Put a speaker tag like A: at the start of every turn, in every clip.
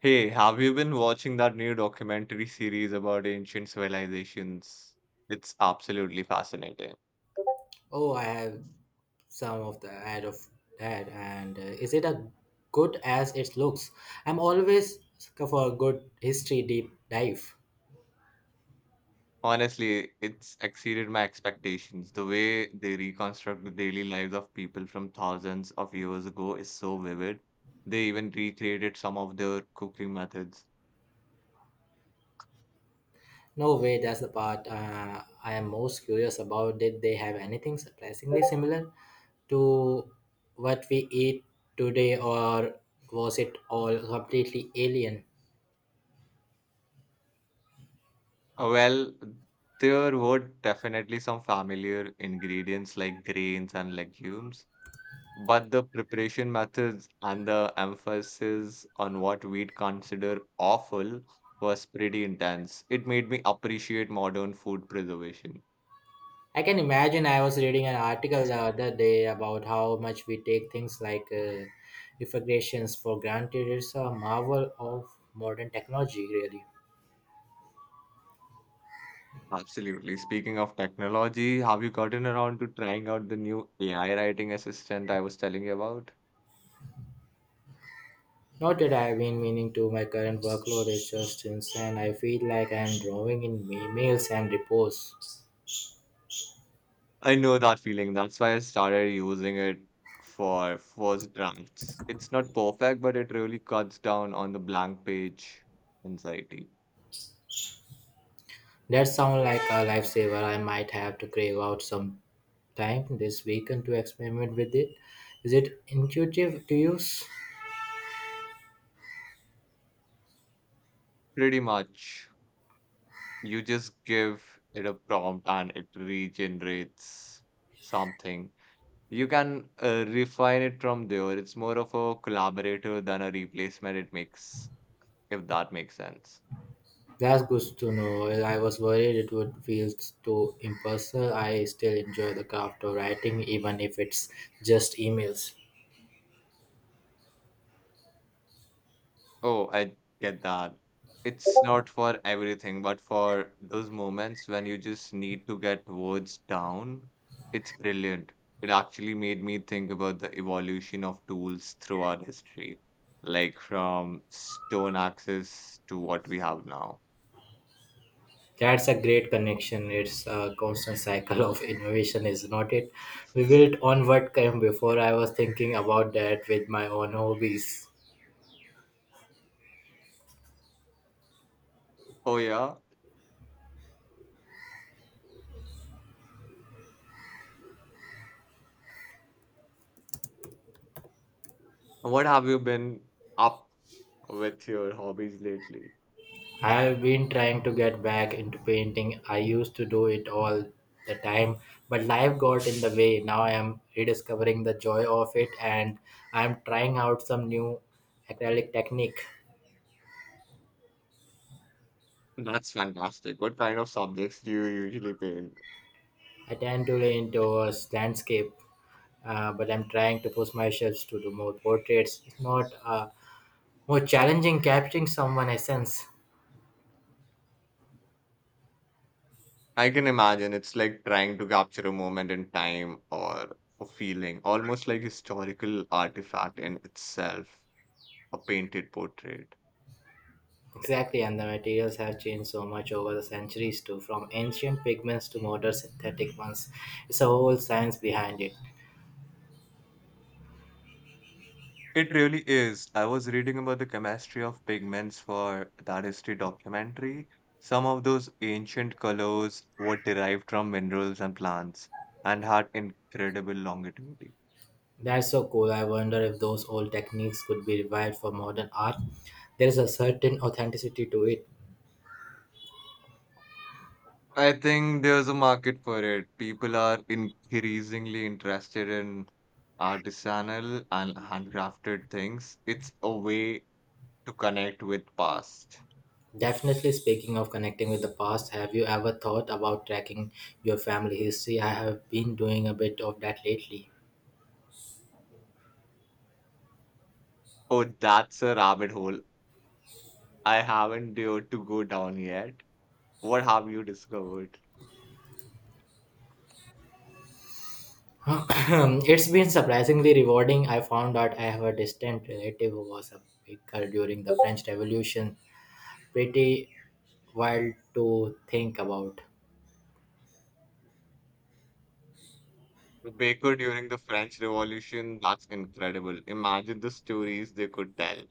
A: Hey, have you been watching that new documentary series about ancient civilizations? It's absolutely fascinating.
B: Oh, I have some of the ad of that, and is it as good as it looks? I'm always for a good history deep dive.
A: Honestly, it's exceeded my expectations. The way they reconstruct the daily lives of people from thousands of years ago is so vivid. They even recreated some of their cooking methods.
B: No way, that's the part I am most curious about. Did they have anything surprisingly similar to what we eat today, or was it all completely alien?
A: Well, there were definitely some familiar ingredients like grains and legumes, but the preparation methods and the emphasis on what we'd consider awful was pretty intense. It made me appreciate modern food preservation.
B: I can imagine. I was reading an article the other day about how much we take things like refrigerations for granted. It's a marvel of modern technology, really.
A: Absolutely. Speaking of technology, have you gotten around to trying out the new AI writing assistant I was telling you about?
B: Not that I've been meaning to, my current workload is just insane. I feel like I'm drawing in emails and reports.
A: I know that feeling. That's why I started using it for first drafts. It's not perfect, but it really cuts down on the blank page anxiety.
B: That sounds like a lifesaver. I might have to crave out some time this weekend to experiment with it. Is it intuitive to use?
A: Pretty much. You just give it a prompt and it regenerates something. You can refine it from there. It's more of a collaborator than a replacement, if that makes sense.
B: That's good to know. Well, I was worried it would feel too impersonal. I still enjoy the craft of writing, even if it's just emails.
A: Oh, I get that. It's not for everything, but for those moments when you just need to get words down, it's brilliant. It actually made me think about the evolution of tools throughout history, like from stone axes to what we have now.
B: That's a great connection. It's a constant cycle of innovation, is not it? We built on what came before. I was thinking about that with my own hobbies.
A: Oh, yeah. What have you been up with your hobbies lately?
B: I've been trying to get back into painting. I used to do it all the time, but life got in the way. Now I am rediscovering the joy of it and I'm trying out some new acrylic technique.
A: That's fantastic. What kind of subjects do you usually paint?
B: I tend to lean towards landscape, but I'm trying to push myself to do more portraits. It's not more challenging capturing someone's essence.
A: I can imagine it's like trying to capture a moment in time or a feeling, almost like historical artifact in itself, a painted portrait.
B: Exactly, and the materials have changed so much over the centuries too, from ancient pigments to modern synthetic ones. It's a whole science behind it.
A: It really is. I was reading about the chemistry of pigments for that history documentary. Some of those ancient colors were derived from minerals and plants and had incredible longevity.
B: That's so cool. I wonder if those old techniques could be revived for modern art. There is a certain authenticity to it.
A: I think there's a market for it. People are increasingly interested in artisanal and handcrafted things. It's a way to connect with past.
B: Definitely speaking of connecting with the past, have you ever thought about tracking your family history? I have been doing a bit of that lately.
A: Oh, that's a rabbit hole I haven't dared to go down yet. What have you discovered?
B: It's been surprisingly rewarding. I found out I have a distant relative who was a baker during the French Revolution, pretty wild to think about.
A: The baker during the French Revolution, that's incredible. Imagine the stories they could tell.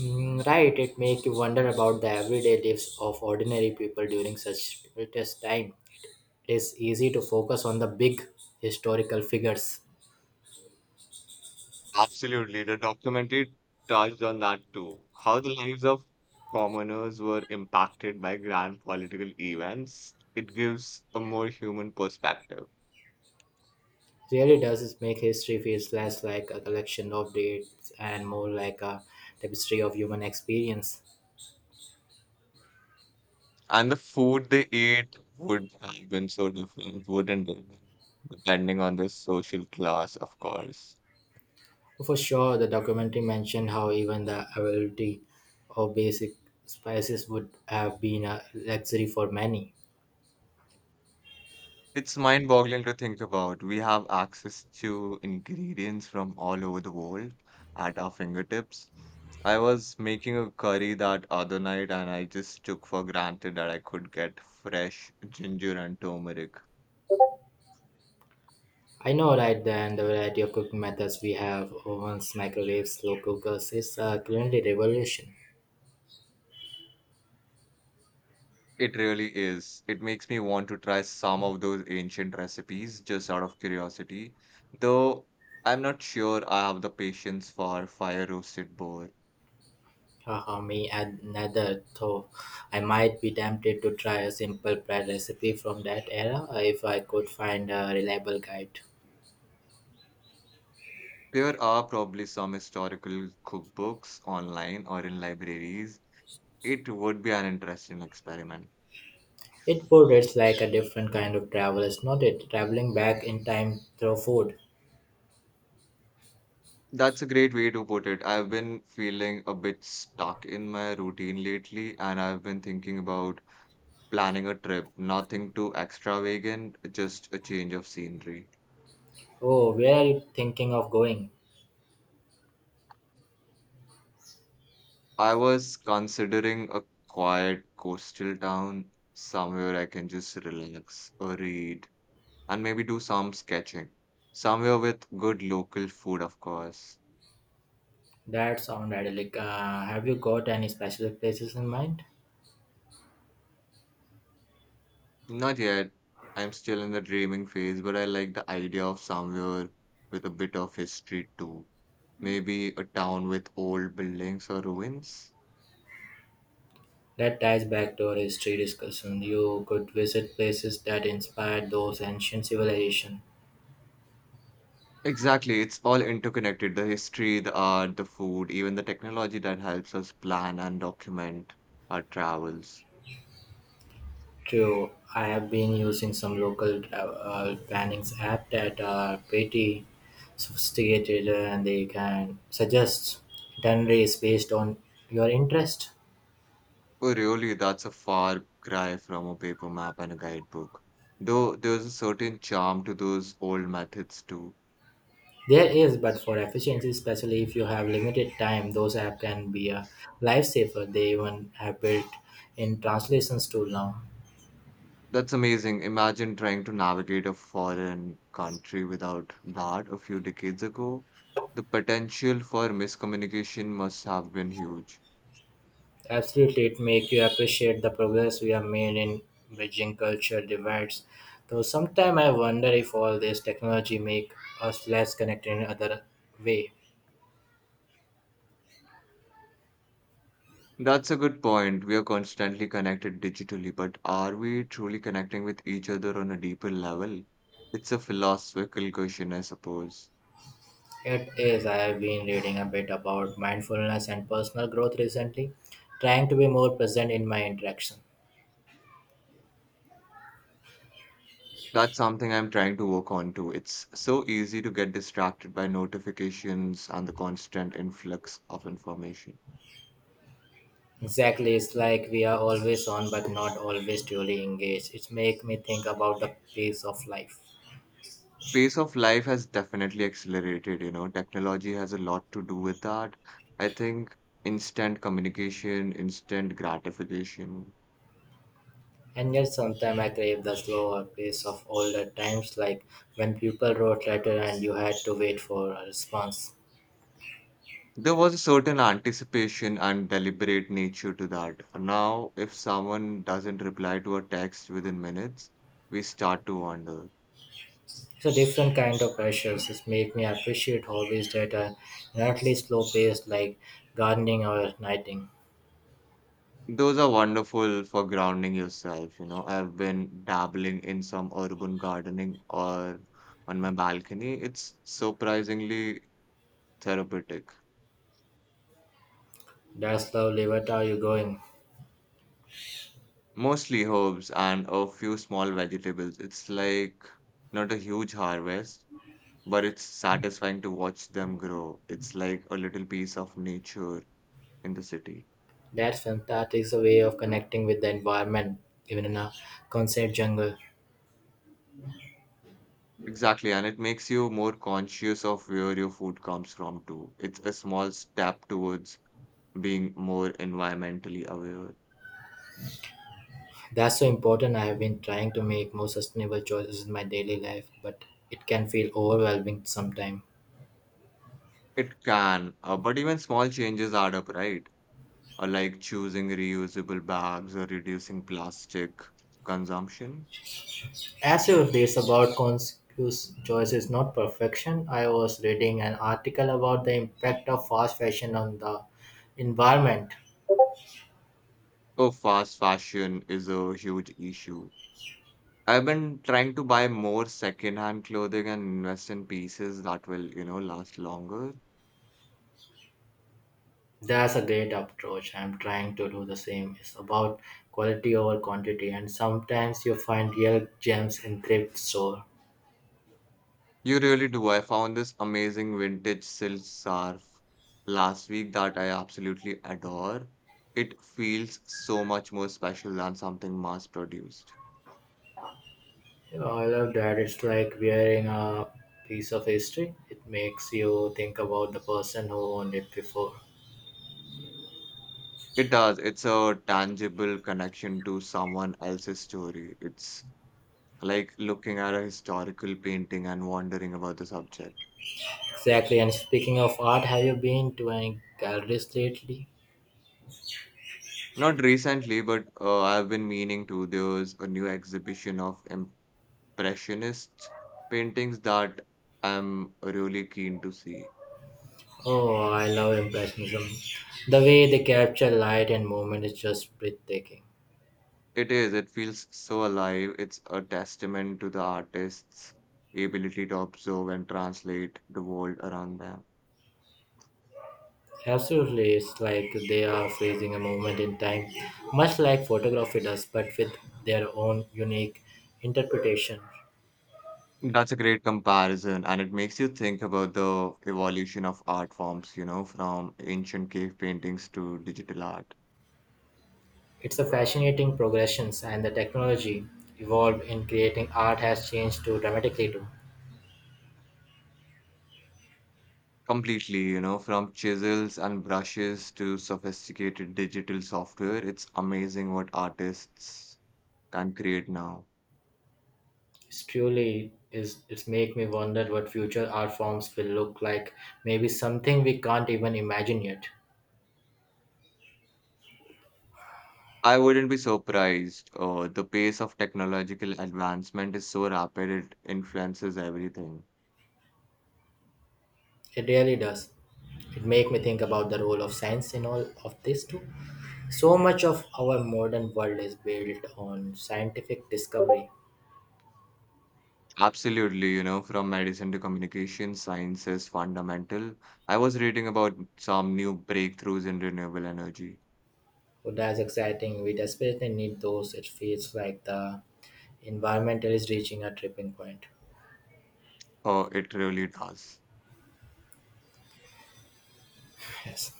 B: Mm, right, it makes you wonder about the everyday lives of ordinary people during such tumultuous time. It is easy to focus on the big historical figures.
A: Absolutely. The documentary touched on that too. How the lives of commoners were impacted by grand political events. It gives a more human perspective.
B: Really does it make history feels less like a collection of dates and more like a tapestry of human experience.
A: And the food they ate would have been so different, wouldn't it? Depending on the social class, of course.
B: For sure, the documentary mentioned how even the availability of basic spices would have been a luxury for many.
A: It's mind-boggling to think about. We have access to ingredients from all over the world at our fingertips. I was making a curry that other night and I just took for granted that I could get fresh ginger and turmeric.
B: I know, right? Then the variety of cooking methods we have ovens, microwaves, slow cookers is currently revolution.
A: It really is. It makes me want to try some of those ancient recipes just out of curiosity, though I'm not sure I have the patience for fire roasted boar.
B: Haha, me and another though. I might be tempted to try a simple bread recipe from that era if I could find a reliable guide.
A: There are probably some historical cookbooks online or in libraries. It would be an interesting experiment.
B: It would, it's like a different kind of travel, it's not it? Traveling back in time through food.
A: That's a great way to put it. I've been feeling a bit stuck in my routine lately, and I've been thinking about planning a trip. Nothing too extravagant, just a change of scenery.
B: Oh, where are you thinking of going?
A: I was considering a quiet coastal town, somewhere I can just relax or read, and maybe do some sketching. Somewhere with good local food, of course.
B: That sounds idyllic. Have you got any special places in mind?
A: Not yet. I'm still in the dreaming phase, but I like the idea of somewhere with a bit of history too. Maybe a town with old buildings or ruins.
B: That ties back to our history discussion. You could visit places that inspired those ancient civilizations.
A: Exactly, it's all interconnected. The history, the art, the food, even the technology that helps us plan and document our travels.
B: True, I have been using some local plannings app that are pretty sophisticated and they can suggest itineraries based on your interest.
A: Oh, really, that's a far cry from a paper map and a guidebook. Though there's a certain charm to those old methods too.
B: There is, but for efficiency, especially if you have limited time, those apps can be a lifesaver. They even have built in translations tool now.
A: That's amazing. Imagine trying to navigate a foreign country without that a few decades ago. The potential for miscommunication must have been huge.
B: Absolutely, it makes you appreciate the progress we have made in bridging culture divides. Though sometimes I wonder if all this technology make us less connected in other way.
A: That's a good point. We are constantly connected digitally, but are we truly connecting with each other on a deeper level? It's a philosophical question, I suppose.
B: It is. I have been reading a bit about mindfulness and personal growth recently, trying to be more present in my interaction.
A: That's something I'm trying to work on too. It's so easy to get distracted by notifications and the constant influx of information.
B: Exactly, it's like we are always on but not always truly engaged. It makes me think about the pace of life.
A: Pace of life has definitely accelerated, you know. Technology has a lot to do with that. I think instant communication, instant gratification.
B: And yet sometimes I crave the slower pace of older times, like when people wrote letter and you had to wait for a response.
A: There was a certain anticipation and deliberate nature to that. Now, if someone doesn't reply to a text within minutes, we start to wonder.
B: It's a different kind of pressures. It make me appreciate hobbies that are inherently slow paced, like gardening or knitting.
A: Those are wonderful for grounding yourself. You know, I've been dabbling in some urban gardening or on my balcony. It's surprisingly therapeutic.
B: That's lovely. What are you going?
A: Mostly herbs and a few small vegetables. It's like not a huge harvest, but it's satisfying to watch them grow. It's like a little piece of nature in the city.
B: That's fantastic. It's a way of connecting with the environment, even in a concert jungle.
A: Exactly, and it makes you more conscious of where your food comes from too. It's a small step towards being more environmentally aware.
B: That's so important. I have been trying to make more sustainable choices in my daily life, but it can feel overwhelming sometimes.
A: It can, but even small changes add up, right? Like choosing reusable bags or reducing plastic consumption.
B: As your phrase about conscious choice is not perfection, I was reading an article about the impact of fast fashion on the environment.
A: Oh, fast fashion is a huge issue. I've been trying to buy more secondhand clothing and invest in pieces that will, you know, last longer.
B: That's a great approach. I'm trying to do the same. It's about quality over quantity, and sometimes you find real gems in thrift store.
A: You really do. I found this amazing vintage silk scarf last week that I absolutely adore. It feels so much more special than something mass produced.
B: You I love that. It's like wearing a piece of history. It makes you think about the person who owned it before.
A: It does. It's a tangible connection to someone else's story. It's like looking at a historical painting and wondering about the subject.
B: Exactly. And speaking of art, have you been to any galleries lately?
A: Not recently, but I've been meaning to. There's a new exhibition of impressionist paintings that I'm really keen to see.
B: Oh, I love Impressionism. The way they capture light and movement is just breathtaking.
A: It is. It feels so alive. It's a testament to the artist's ability to observe and translate the world around them.
B: Absolutely, it's like they are freezing a moment in time, much like photography does, but with their own unique interpretation.
A: That's a great comparison, and it makes you think about the evolution of art forms, you know, from ancient cave paintings to digital art.
B: It's a fascinating progression, and the technology evolved in creating art has changed too dramatically too.
A: Completely, you know, from chisels and brushes to sophisticated digital software. It's amazing what artists can create now.
B: It's truly is it's make me wonder what future art forms will look like. Maybe something we can't even imagine yet.
A: I wouldn't be surprised. The pace of technological advancement is so rapid, it influences everything.
B: It really does. It make me think about the role of science in all of this too. So much of our modern world is built on scientific discovery.
A: Absolutely, you know, from medicine to communication, science is fundamental. I was reading about some new breakthroughs in renewable energy.
B: So that's exciting. We desperately need those. It feels like the environment is reaching a tripping point.
A: Oh, it really does.
B: Yes.